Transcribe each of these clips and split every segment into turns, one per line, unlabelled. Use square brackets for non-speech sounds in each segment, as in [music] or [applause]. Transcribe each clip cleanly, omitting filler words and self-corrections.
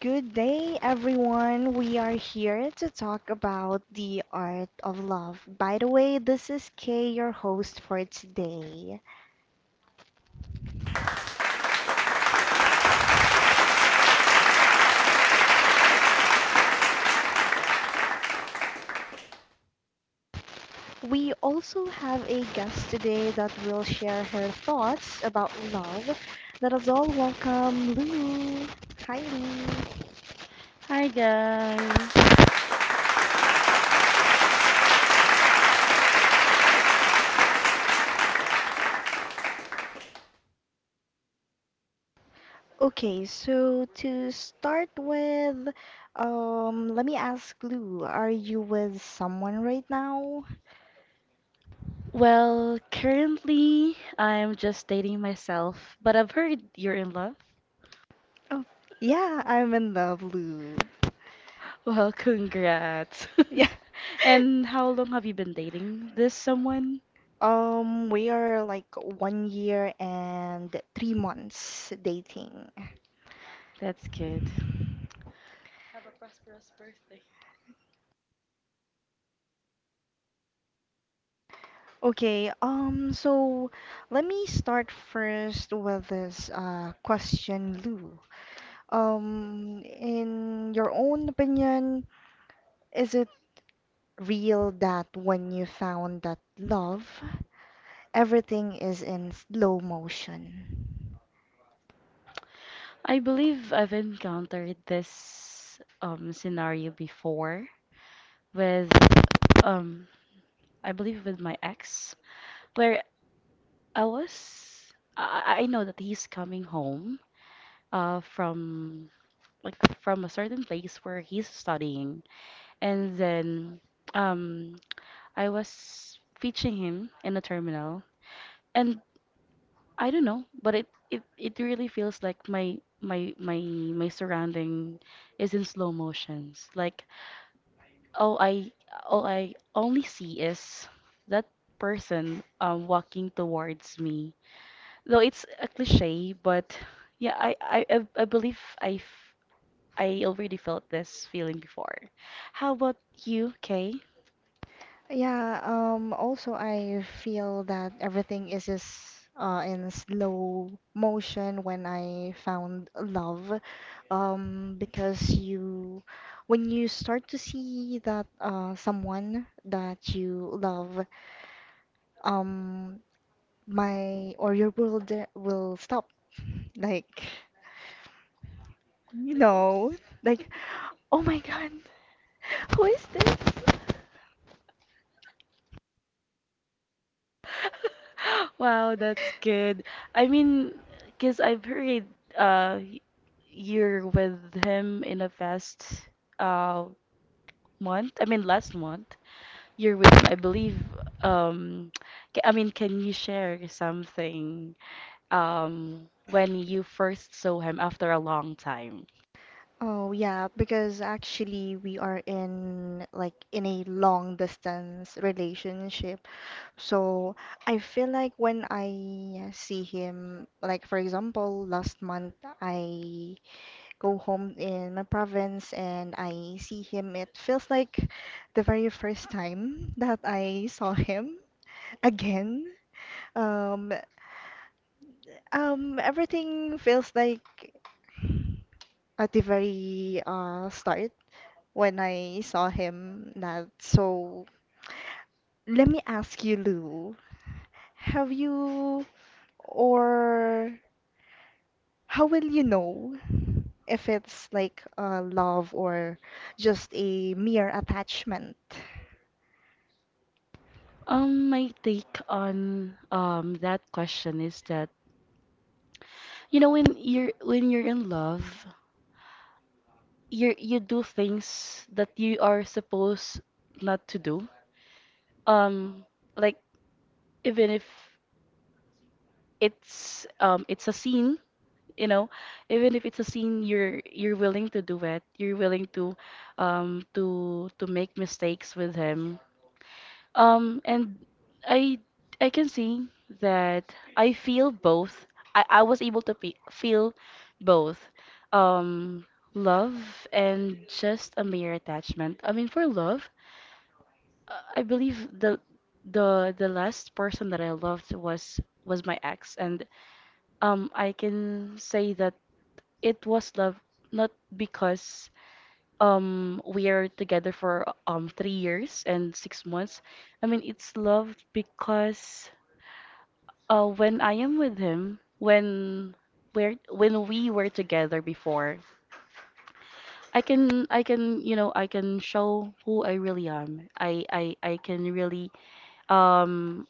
Good day, everyone. We are here to talk about the art of love. By the way, this is Kay, your host for today. We also have a guest today that will share her thoughts about love. Let us all welcome Lou. Hi, Lou.
Hi guys.
Okay, so to start with, let me ask Lou, are you with someone right now?
Well, currently I'm just dating myself, but I've heard you're in love.
Oh, yeah, I'm in love, Lou.
Well, congrats.
[laughs] Yeah.
[laughs] And how long have you been dating this someone?
We are like 1 year and 3 months dating.
That's good.
Okay, so let me start first with this question, Lou. In your own opinion, is it real that when you found that love, everything is in slow motion?
I believe I've encountered this scenario before with um I believe with my ex where I know that he's coming home from like from a certain place where he's studying. And then um, I was fetching him in the terminal, and I don't know, but it really feels like my surrounding is in slow motions. Like all I all I only see is that person, walking towards me. Though it's a cliche, but yeah, I believe I already felt this feeling before. How about you, Kay?
Yeah, also I feel that everything is just in slow motion when I found love. Um, because you, when you start to see that someone that you love, um, my or your world will stop. Like, you know, like, oh my God, [laughs] who is this?
[laughs] Wow, that's good. I mean, 'cause I've heard uh y- you're with him in a past uh month. I mean, last month you're with him. I believe. Um, [tsk] I mean, can you share something when you first saw him after a long time?
Oh, yeah, because actually we are in like in a long distance relationship. So I feel like when I see him, like for example, last month I go home in my province and I see him. It feels like the very first time [laughs] that I saw him [laughs] again. Um, Everything feels like at the very start when I saw him that. So let me ask you, Lou, have you or how will you know if it's like a love or just a mere attachment?
My take on that question is that you know when you're in love, you do things that you are supposed not to do. Um, like even if it's a scene, you know, even if it's a scene, you're willing to do it. You're willing to to make mistakes with him. And I I can see that I feel both. I was able to pe feel both. Um. Love and just a mere attachment. I mean, for love, I believe the last person that I loved was my ex, and I can say that it was love, not because we are together for 3 years and 6 months. I mean it's love because when I am with him, when we're when we were together before, I can, you know, I can show who I really am. I can really um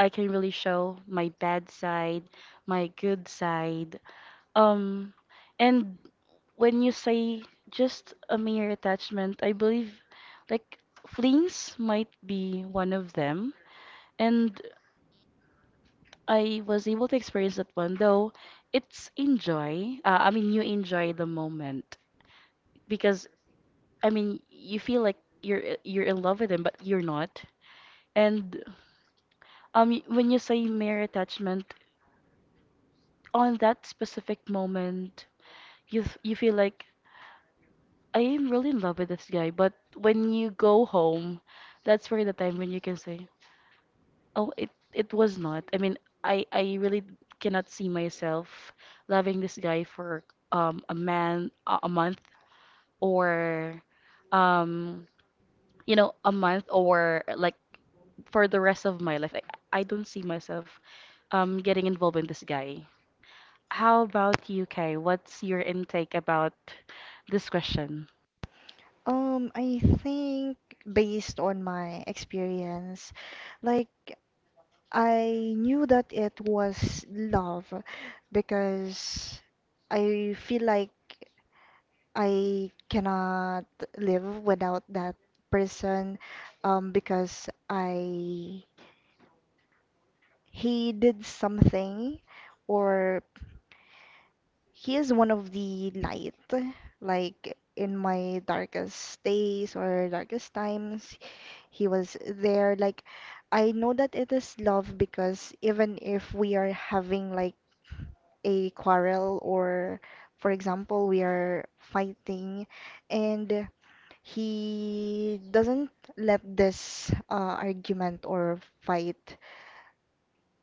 I can really show my bad side, my good side. Um, and when you say just a mere attachment, I believe like flings might be one of them. And I was able to experience that one, though it's enjoy. I mean, you enjoy the moment because I mean, you feel like you're in love with him, but you're not. And when you say mere attachment, on that specific moment, you feel like I am really in love with this guy, but when you go home, that's where the time when you can say, "Oh, it was not." I mean, I really cannot see myself loving this guy for a month or um you know, a month or like for the rest of my life. I don't see myself getting involved in this guy. How about you, Kay? What's your intake about this question?
I think based on my experience, like I knew that it was love because I feel like I cannot live without that person, because I he did something, or he is one of the light, like in my darkest days or darkest times he was there. Like I know that it is love because even if we are having like a quarrel, or for example we are fighting, and he doesn't let this argument or fight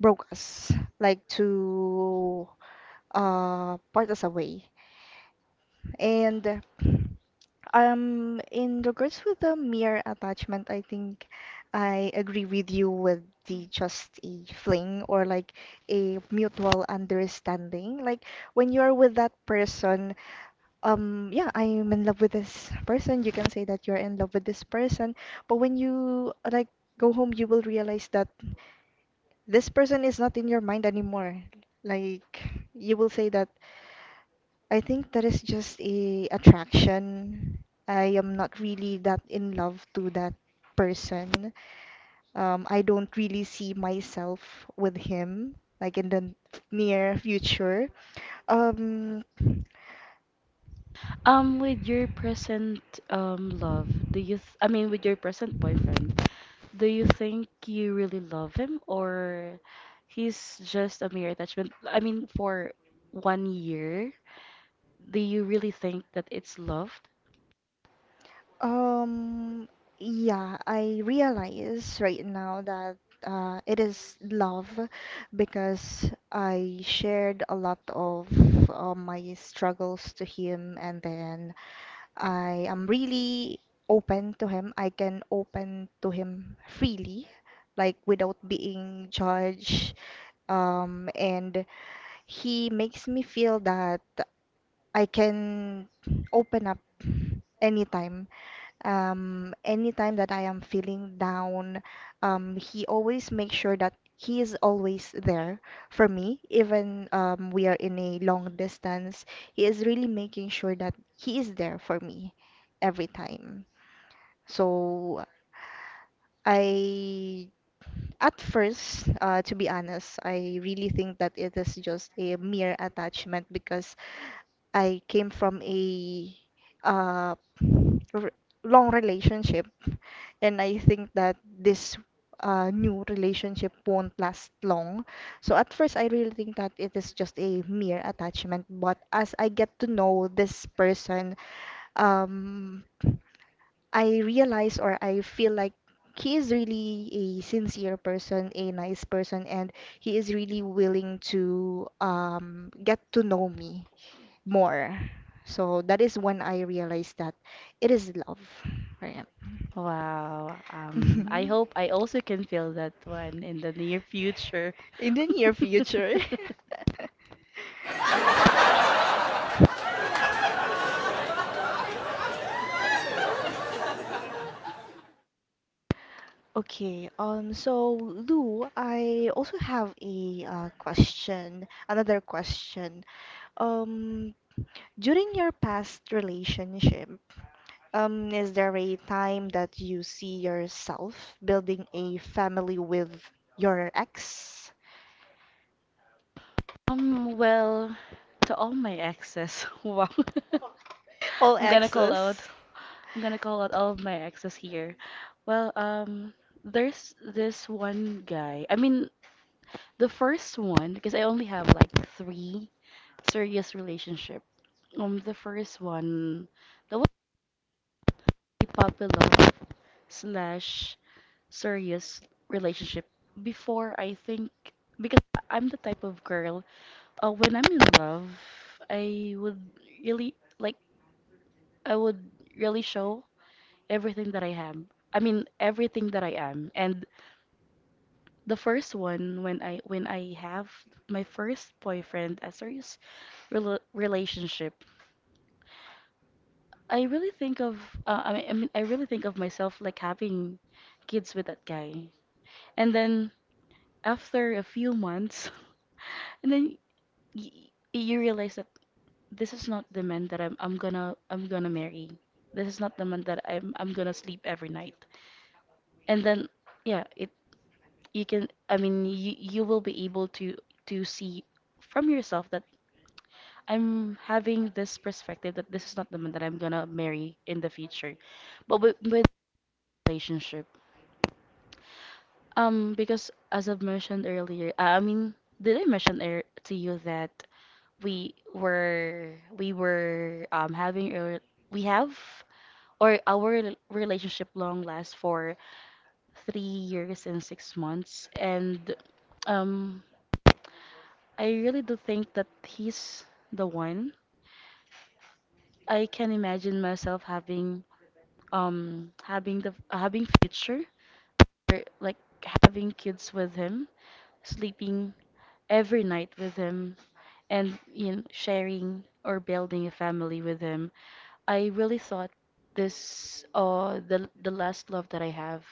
broke us, like to part us away. And in regards with the mere attachment, I think I agree with you with the just a fling or like a mutual understanding. Like when you're with that person, yeah, I'm in love with this person, you can say that you're in love with this person, but when you like go home you will realize that this person is not in your mind anymore. Like you will say that I think that is just a attraction, I am not really that in love to that person. I don't really see myself with him like in the near future. um
With your present love, do you th I mean, with your present boyfriend, do you think you really love him or he's just a mere attachment? I mean, for 1 year, do you really think that it's loved?
Um, yeah, I realize right now that it is love because I shared a lot of my struggles to him, and then I am really open to him. I can open to him freely, like without being judged. And he makes me feel that I can open up anytime, anytime that I am feeling down. He always makes sure that he is always there for me. Even we are in a long distance, he is really making sure that he is there for me every time. So I, at first, to be honest, I really think that it is just a mere attachment because I came from a uh, r long relationship and I think that this new relationship won't last long. So at first, I really think that it is just a mere attachment, but as I get to know this person, um, I realize or I feel like he is really a sincere person, a nice person, and he is really willing to get to know me more. So that is when I realized that it is love, right?
Wow.
I [laughs] I
I
hope
hope
I
I
also
also
can
can
feel
feel
that
that
one
one
in
in the near
the near future.
future.
In the near
[laughs]
future. [laughs] Okay, so Lou, I also have a question, another question. Um, During your past relationship, is there a time that you see yourself building a family with your ex?
Well, to all my exes, [laughs] wow.
[laughs]
[laughs]
All
I'm gonna
yes,
call out.
yes.
I'm gonna call out all of my exes here. Well, there's this one guy. I mean, the first one, because I only have like three serious relationship. The first one, that was a puppy love slash serious relationship. Before, I think, because I'm the type of girl, when I'm in love, I would really like, I would really show everything that I have. I mean, everything that I am. And the first one, when I have my first boyfriend as a serious relationship, I really think of I mean I really think of myself like having kids with that guy. And then after a few months, [laughs] and then y you realize that this is not the man that I'm gonna marry. This is not the man that I'm gonna sleep every night. And then yeah, it you can, I mean, you will be able to see from yourself that I'm having this perspective that this is not the man that I'm gonna marry in the future. But with, relationship, because as I've mentioned earlier, did I mention ear to you that we were having a we have or our relationship long lasts for 3 years and 6 months, and um, I really do think that he's the one. I can imagine myself having having the having future or like having kids with him, sleeping every night with him, and you know, sharing or building a family with him. I really thought this the last love that I have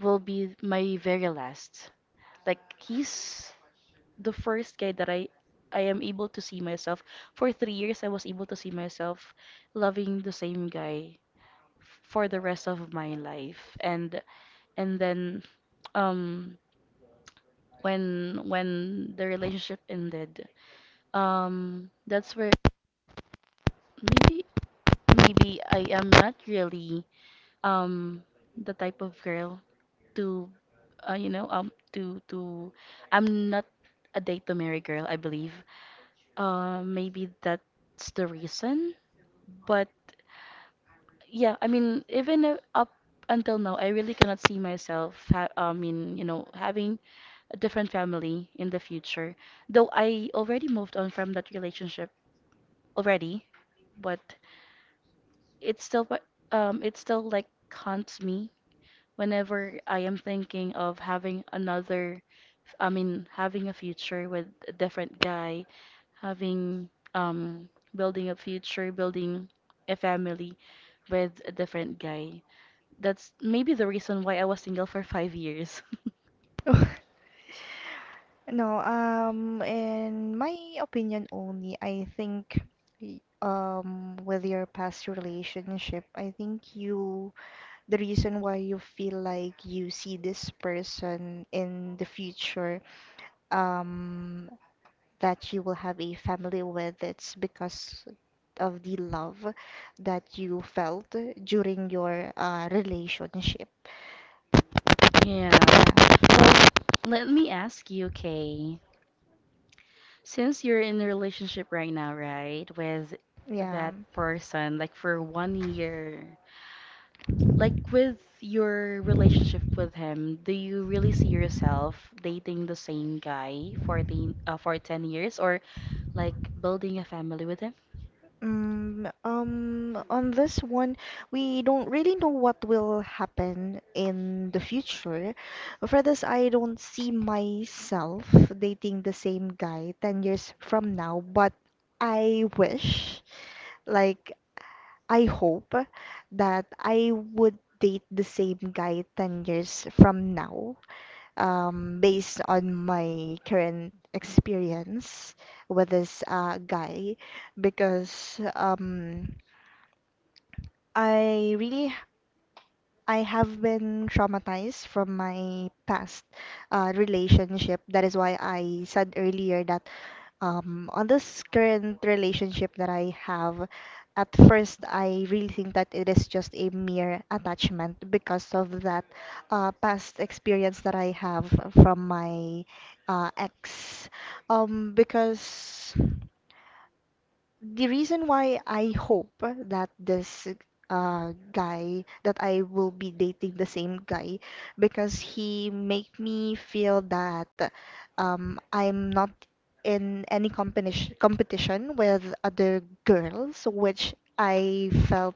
will be my very last. Like he's the first guy that I am able to see myself, for 3 years I was able to see myself loving the same guy for the rest of my life. And then um when the relationship ended, that's where maybe I am not really um the type of girl to to, I'm not a date to marry girl, I believe. Maybe that's the reason. But yeah, I mean, even if- up until now, I really cannot see myself, ha I mean, you know, having a different family in the future. Though I already moved on from that relationship already, but it's still, it still like haunts me whenever I am thinking of having another, I mean, having a future with a different guy, having, building a future, building a family with a different guy. That's maybe the reason why I was single for 5 years. [laughs]
Exes? [laughs] No, in my opinion only, I think, with your past relationship, I think you, the reason why you feel like you see this person in the future, um, that you will have a family with, it's because of the love that you felt during your relationship.
Yeah.
Yeah,
Well, let me ask you, Kay. Since you're in a relationship right now, right, with
yeah.
that person, like for 1 year, like with your relationship with him, do you really see yourself dating the same guy for 10, for 10 years or like building a family with him?
Mm, on this one, we don't really know what will happen in the future. For this, I don't see myself dating the same guy 10 years from now, but I wish, like, I hope that I would date the same guy 10 years from now, based on my current experience with this guy, because I have been traumatized from my past relationship. That is why I said earlier that, on this current relationship that I have, at first I really think that it is just a mere attachment because of that past experience that I have from my ex. Because the reason why I hope that this guy, that I will be dating the same guy, because he make me feel that, I'm not in any competition with other girls, which I felt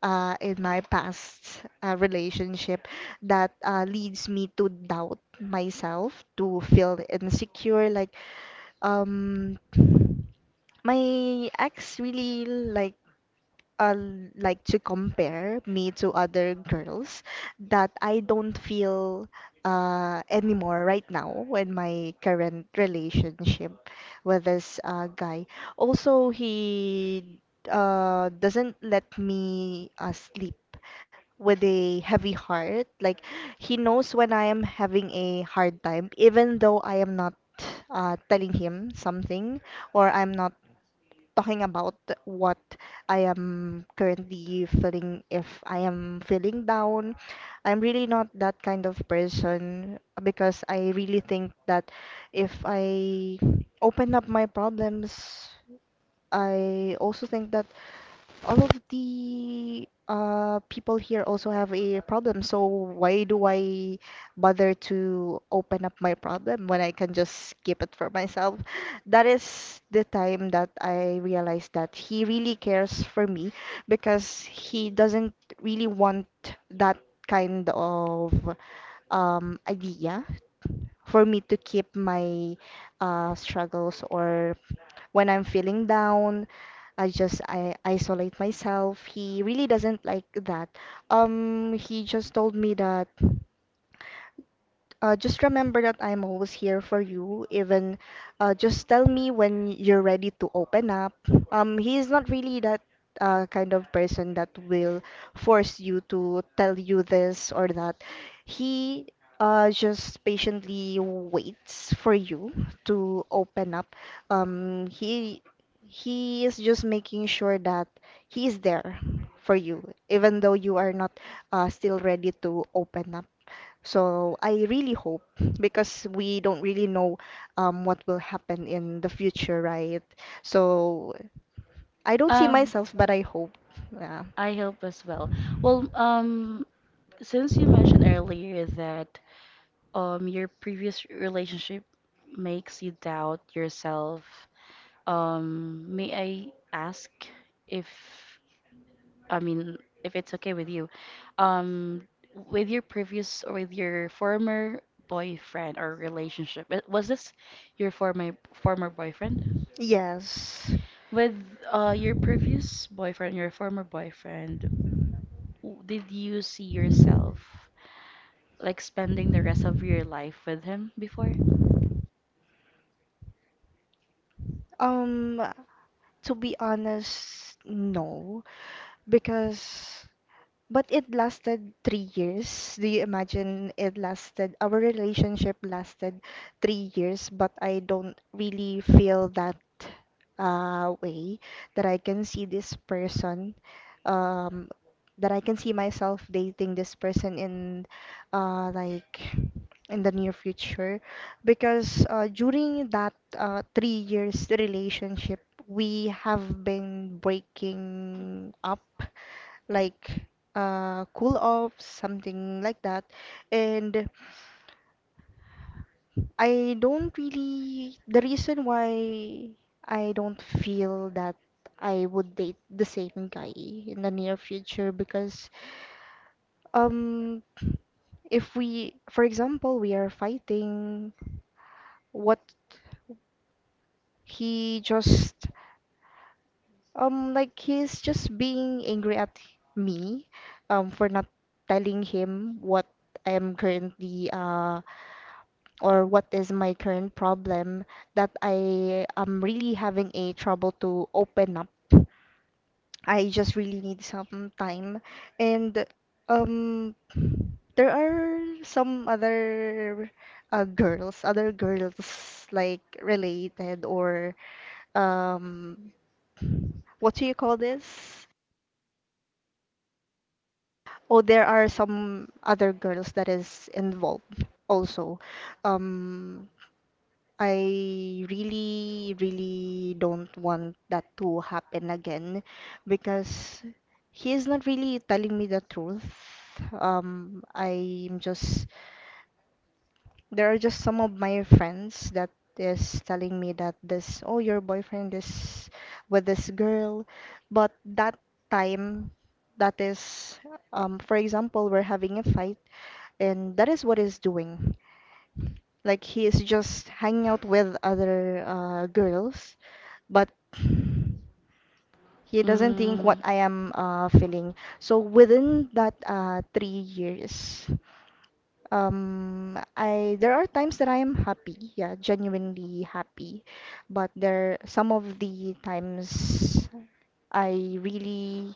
in my past relationship, that leads me to doubt myself, to feel insecure, like, um my ex really uh, like to compare me to other girls, that I don't feel anymore right now when my current relationship with this guy. Also, he doesn't let me sleep with a heavy heart. Like he knows when I am having a hard time, even though I am not telling him something or I'm not talking about what I am currently feeling if I am feeling down. I'm really not that kind of person because I really think that if I open up my problems, I also think that all of the people here also have a problem, so why do I bother to open up my problem when I can just keep it for myself? That is the time that I realized that he really cares for me because he doesn't really want that kind of idea for me to keep my struggles, or when I'm feeling down, I isolate myself. He really doesn't like that. He just told me that, just remember that I'm always here for you. Even just tell me when you're ready to open up. He is not really that kind of person that will force you to tell you this or that. He just patiently waits for you to open up. Um, he he is just making sure that he is there for you, even though you are not still ready to open up. So I really hope, because we don't really know what will happen in the future, right? So I don't see
Um,
myself, but I hope. Yeah.
I hope as well. Well, since you mentioned earlier that your previous relationship makes you doubt yourself. May I ask if, I mean, if it's okay with you? Um, with your previous or with your former boyfriend or relationship, was this your former former boyfriend?
Yes.
With your previous boyfriend, your former boyfriend, did you see yourself like spending the rest of your life with him before?
Um, to be honest, no, because, but it lasted 3 years. Do you imagine it lasted? Our relationship lasted 3 years, but I don't really feel that way, that I can see this person. Um, that I can see myself dating this person in uh like in the near future, because during that 3 years relationship we have been breaking up, like cool off, something like that. And I don't really, the reason why I don't feel that I would date the same guy in the near future, because, Um, if we, for example, we are fighting, what he just he's just being angry at me for not telling him what I am currently or what is my current problem, that I am really having a trouble to open up. I just really need some time. And um, there are some other girls, other girls like related or, um, what do you call this? Oh, there are some other girls that is involved also. Um, I really, really don't want that to happen again because he is not really telling me the truth. I'm just, there are just some of my friends that is telling me that, this, oh, your boyfriend is with this girl. But that time, that is, for example, we're having a fight, and that is what is doing. Like he is just hanging out with other girls, but he doesn't think what
Hmm.
I am feeling. So within that 3 years, I there are times that I am happy, yeah, genuinely happy, but there some of the times I really,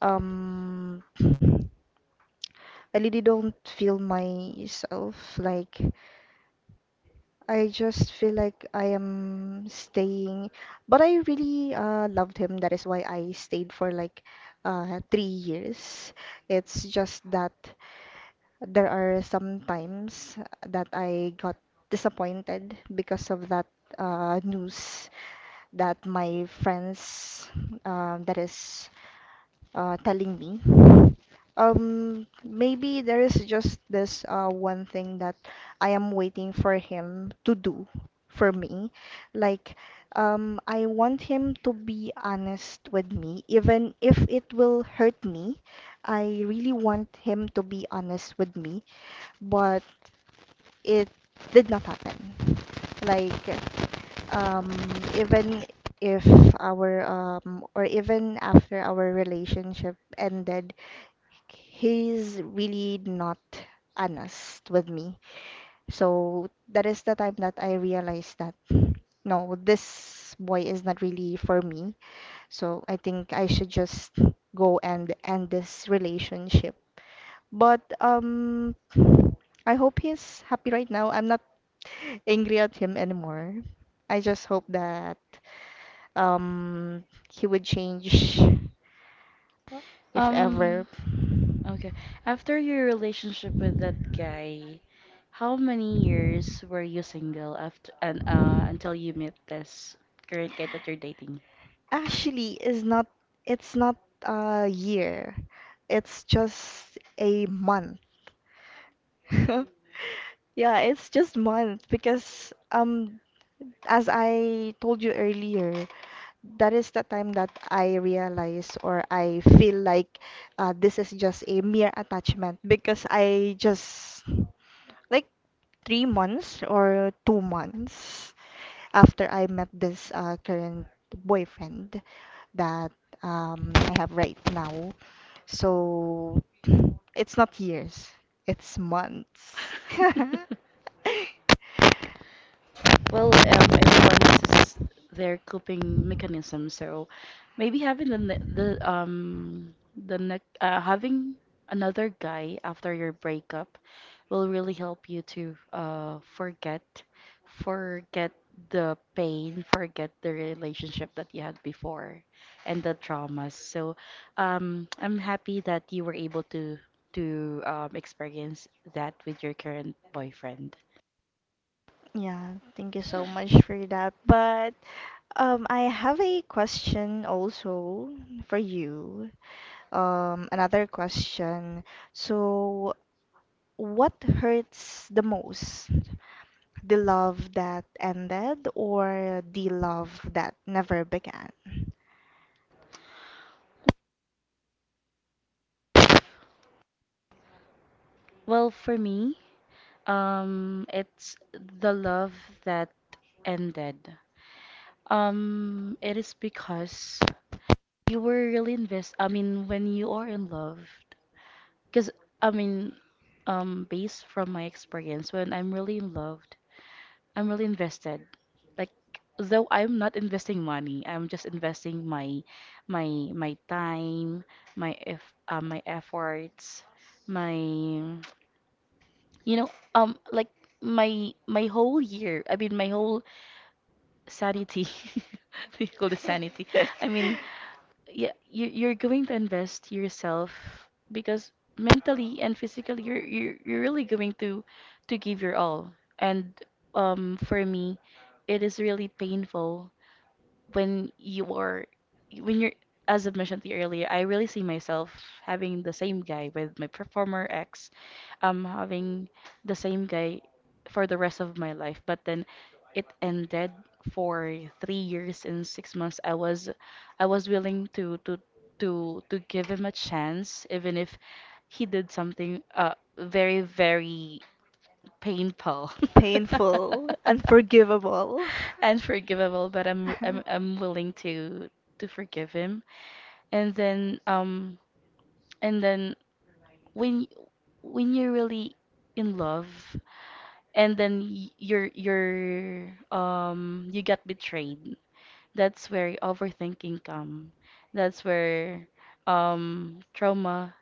um I really don't feel myself, like I just feel like I am staying, but I really loved him. That is why I stayed for like 3 years. It's just that there are some times that I got disappointed because of that news that my friends that is telling me. Maybe there is just this one thing that I am waiting for him to do for me. Like, I want him to be honest with me, even if it will hurt me. I really want him to be honest with me, but it did not happen. Like, um, even if our or even after our relationship ended he's really not honest with me. So that is the time that I realized that no, this boy is not really for me. So I think I should just go and end this relationship. But I hope he's happy right now. I'm not angry at him anymore. I just hope that um, he would change if ever.
Um, okay. After your relationship with that guy, how many years were you single after and until you met this current guy that you're dating?
Actually, is not it's not a year. It's just a month. [laughs] Yeah, it's just month because as I told you earlier, that is the time that I realize or I feel like this is just a mere attachment because I just like 3 months or 2 months after I met this current boyfriend that I have right now. So it's not years, it's months. [laughs]
[laughs] Well, everyone has their coping mechanism, so maybe having the ne having another guy after your breakup will really help you to forget the pain, forget the relationship that you had before and the traumas. So, I'm happy that you were able to experience that with your current boyfriend.
Yeah, thank you so much for that. But I have a question also for you. Another question. So, what hurts the most? The love that ended or the love that never began?
Well, for me. It's the love that ended. It is because you were really invest. I mean, when you are in love, because I mean, based from my experience, when I'm really in love, I'm really invested. Like, though I'm not investing money, I'm just investing my time, my eff, my efforts, my, you know, my whole year. I mean, my whole sanity. [laughs] They call it sanity. I mean,
[laughs]
yeah, you're going to invest yourself because mentally and physically you're really going to give your all. And for me, it is really painful when you are when you're, as I mentioned to you earlier, I really see myself having the same guy with my performer ex, having the same guy for the rest of my life. But then it ended. For 3 years and 6 months, I was willing to to give him a chance, even if he did something very painful
Painful,
[laughs]
unforgivable.
and forgivable. But I'm
[laughs]
willing to forgive him. And then um and then when when you're really in love, and then you get betrayed, that's where overthinking come that's where um trauma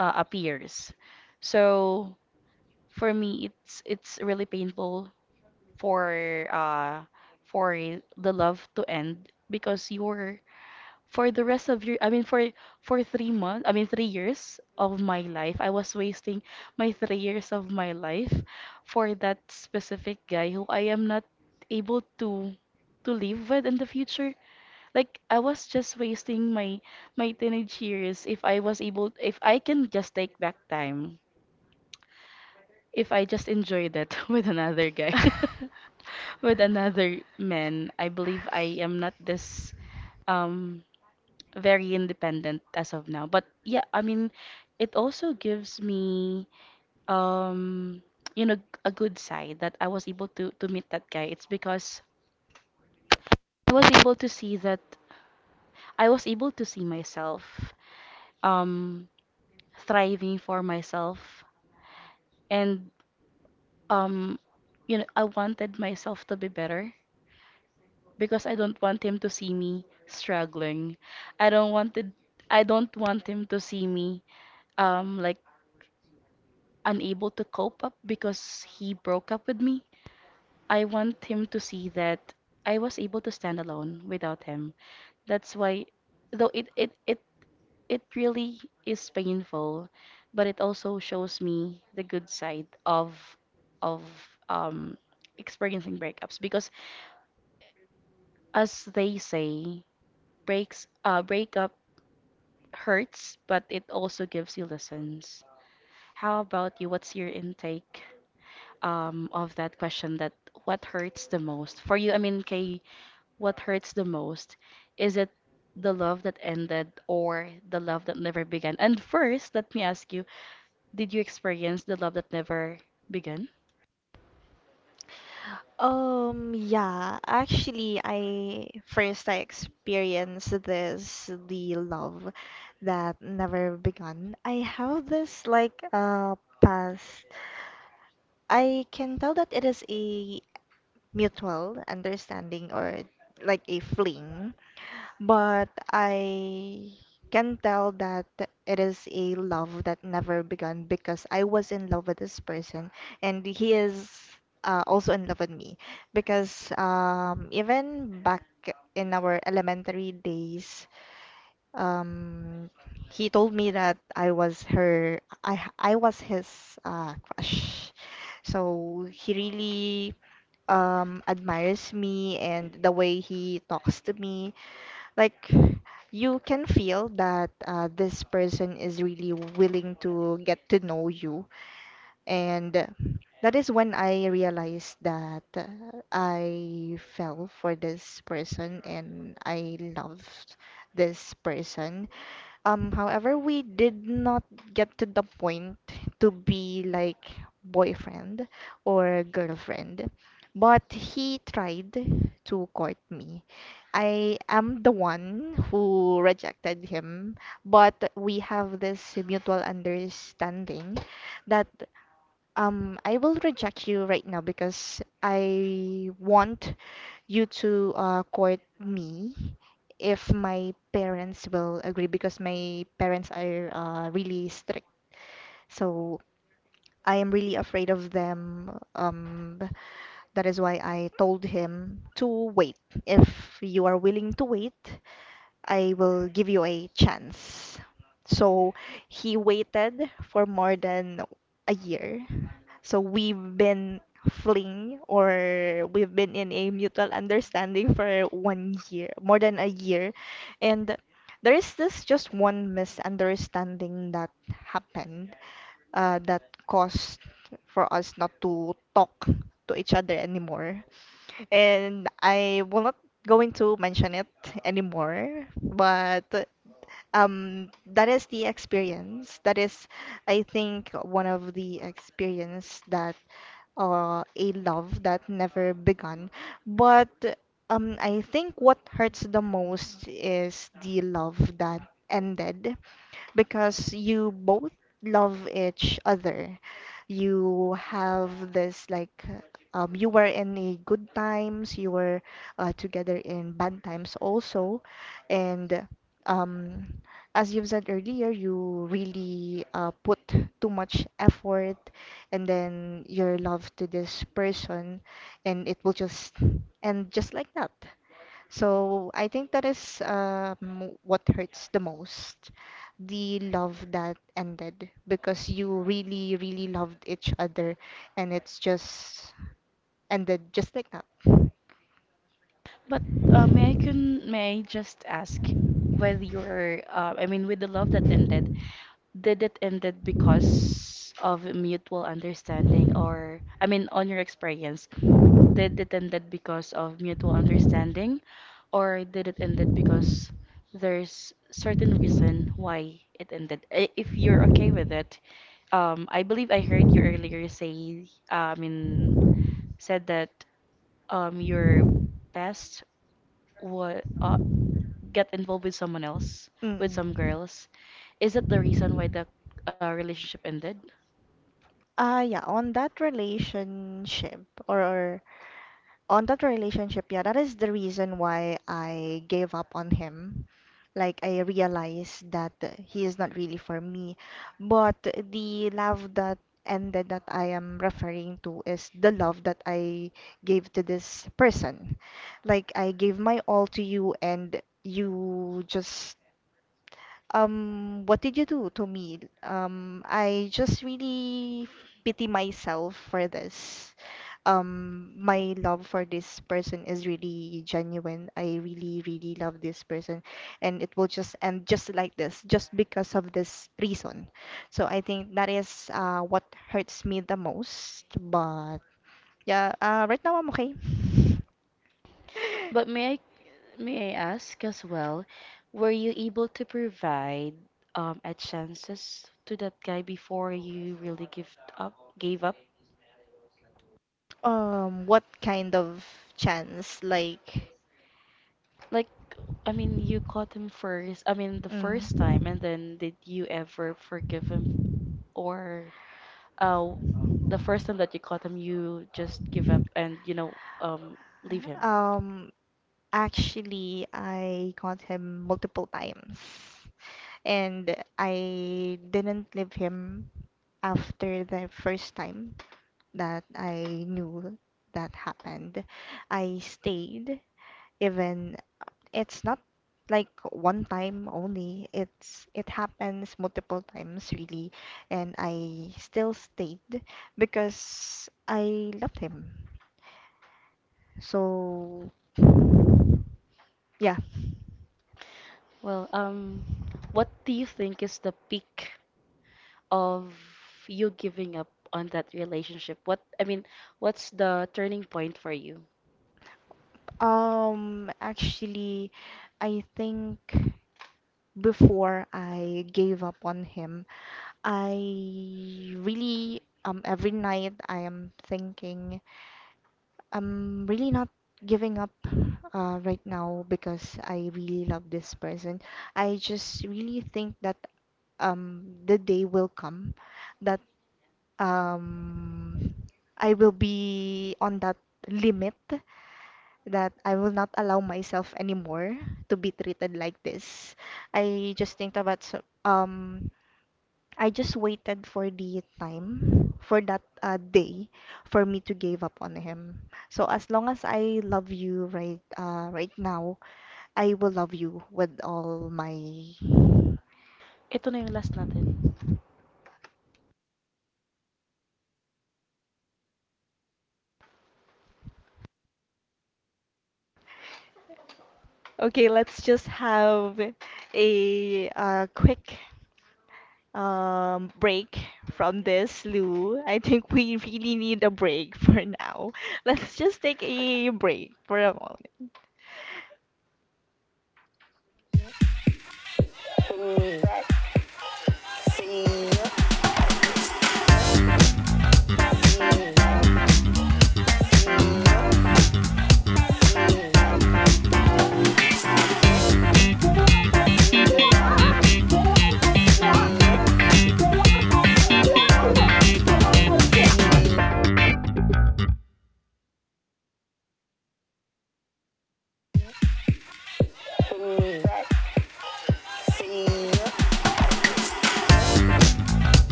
uh, appears So for me, it's really painful for uh for the love to end. Because you're for the rest of your I mean For 3 months, I mean 3 years of my life, I was wasting my 3 years of my life for that specific guy who I am not able to live with in the future. Like, I was just wasting my my teenage years. If I was able, if I can just take back time, if I just enjoyed it [laughs] with another guy, [laughs] with another man, I believe I am not this um very independent as of now. But yeah, I mean, it also gives me, um, you know, a good side that I was able to meet that guy. It's because I was able to see that I was able to see myself, um, thriving for myself, and um, you know, I wanted myself to be better because I don't want him to see me struggling. I don't wanted I don't want him to see me um like unable to cope up because he broke up with me. I want him to see that I was able to stand alone without him. That's why, though it really is painful, but it also shows me the good side of of um experiencing breakups. Because as they say, breaks breakup hurts, but it also gives you lessons. How about you? What's your intake of that question, that what hurts the most for you? I mean, Kay, what hurts the most? Is it the love that ended or the love that never began? And first, let me ask you, did you experience the love that never began?
Yeah, actually, I first I experienced this the love that never begun. I have this like past. I can tell that it is a mutual understanding or like a fling. But I can tell that it is a love that never began because I was in love with this person and he is also in love with me because even back in our elementary days, um, he told me that I was his crush. So he really admires me and the way he talks to me like you can feel that this person is really willing to get to know you and that is when I realized that I fell for this person and I loved this person. However, we did not get to the point to be like boyfriend or girlfriend, but he tried to court me. I am the one who rejected him, but we have this mutual understanding that I will reject you right now because I want you to court me if my parents will agree because my parents are really strict. So I am really afraid of them. That is why I told him to wait. If you are willing to wait, I will give you a chance. So he waited for more than a year. So we've been fling or we've been in a mutual understanding for 1 year, more than a year. And there is this just one misunderstanding that happened that caused for us not to talk to each other anymore. And I will not going to mention it anymore, but that is the experience. That is, I think, one of the experience that a love that never began. But I think what hurts the most is the love that ended because you both love each other. You have this like you were in a good times, you were together in bad times also, and um, as you've said earlier, you really put too much effort and then your love to this person and it will just end just like that. So I think that is what hurts the most, the love that ended because you really, really loved each other and it's just ended just like that.
But may I just ask, with your I mean with the love that ended, did it ended because of mutual understanding, or I mean on your experience, did it ended because of mutual understanding, or did it ended because there's certain reason why it ended? I- If you're okay with it, I believe I heard you earlier say, said that your past, what get involved with someone else, with some
Mm-mm.
girls. Is that the reason why the relationship ended?
Ah, yeah, on that relationship or on that relationship, yeah, that is the reason why I gave up on him. Like, I realized that he is not really for me. But the love that ended that I am referring to is the love that I gave to this person. Like, I gave my all to you, and you just what did you do to me? I just really pity myself for this. My love for this person is really genuine. I really, really love this person, and it will just end just like this, just because of this reason. So I think that is what hurts me the most. But yeah, right now I'm okay. [laughs]
But may I, may I ask as well, were you able to provide a chances to that guy before you really give up gave up?
What kind of chance? Like.
Like, I mean, you caught him first, I mean, the first time, and then did you ever forgive him, or uh the first time that you caught him, you just give up and, you know, leave him?
Um, Actually, I got him multiple times, and I didn't leave him after the first time that I knew that happened. I stayed even it's not like one time only it's it happens multiple times really and I still stayed because I loved him so yeah.
Well, what do you think is the peak of you giving up on that relationship? What, I mean, what's the turning point for you?
Actually I think before I gave up on him I really every night I am thinking I'm really not giving up right now because I really love this person. I just really think that the day will come that um, I will be on that limit that I will not allow myself anymore to be treated like this. I just think about so- I just waited for the time for that day for me to give up on him. So as long as I love you right now, I will love you with all my.
Ito na yung last natin.
Okay, let's just have a quick break from this, Lou. I think we really need a break for now. [laughs] Let's just take a break for a moment.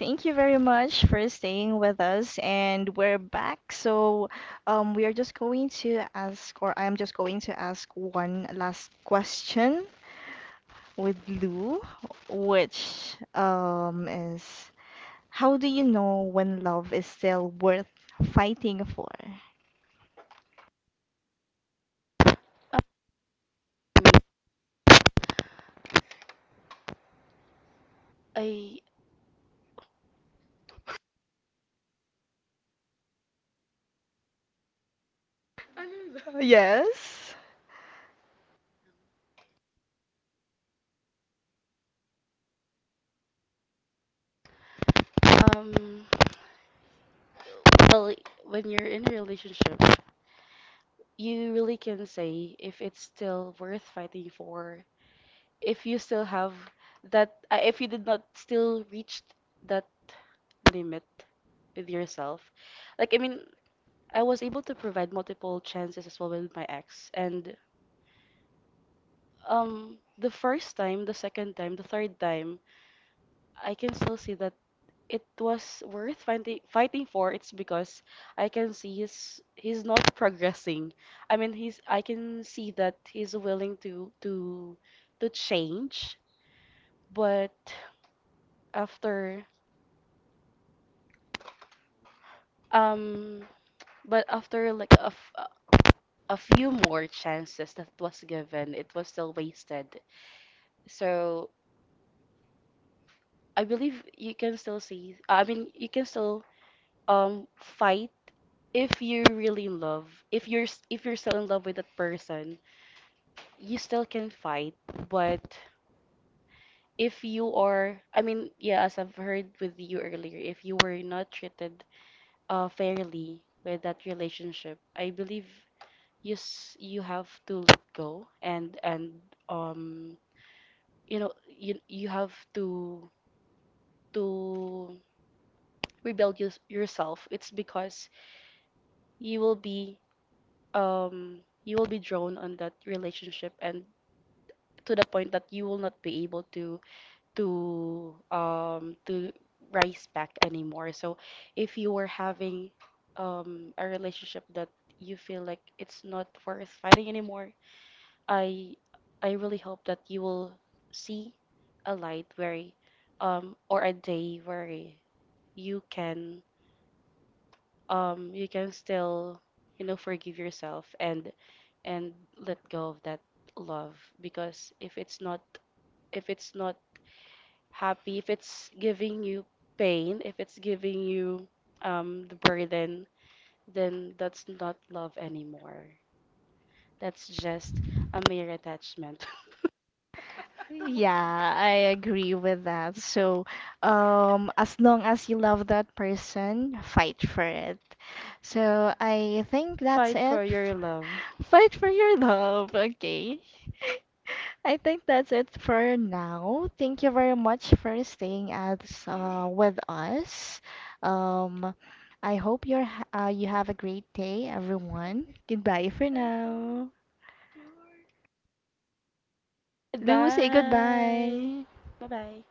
Thank you very much for staying with us, and we're back. So, we are just going to ask, or I'm just going to ask one last question with Lou, which is how do you know when love is still worth fighting for?
Um, I,
Yes.
um, well, when you're in a relationship, you really can say if it's still worth fighting for, if you still have that, if you did not still reach that limit with yourself. Like, I mean, I was able to provide multiple chances as well with my ex. And the first time, the second time, the third time, I can still see that it was worth fighting for. It's because I can see he's not progressing. I mean, he's, I can see that he's willing to to change, but after um, like a, a few more chances that was given, it was still wasted. So I believe you can still see. I mean, you can still fight if you're really in love. If you're if you're still in love with that person, you still can fight. But if you are, I mean, yeah, as I've heard with you earlier, if you were not treated fairly with that relationship, I believe you have to let go, and um you know, you have to to rebuild yourself. It's because you will be um you will be drawn on that relationship, and to the point that you will not be able to to um to rise back anymore. So if you were having a relationship that you feel like it's not worth fighting anymore, I I really hope that you will see a light where, or a day where you can, you can still, you know, forgive yourself and and let go of that love. Because if it's not, if it's not happy, if it's giving you pain, if it's giving you the burden, then that's not love anymore. That's just a mere attachment.
Yeah, I agree with that. So, as long as you love that person, fight for it. So, I think
[laughs]
that's
Fight
it.
for your love.
Fight for your love, okay? I think that's it for now. Thank you very much for staying as with us. Um, I hope you're you have a great day, everyone. Goodbye for now. Lou, say
Bye,
goodbye.
bye bye.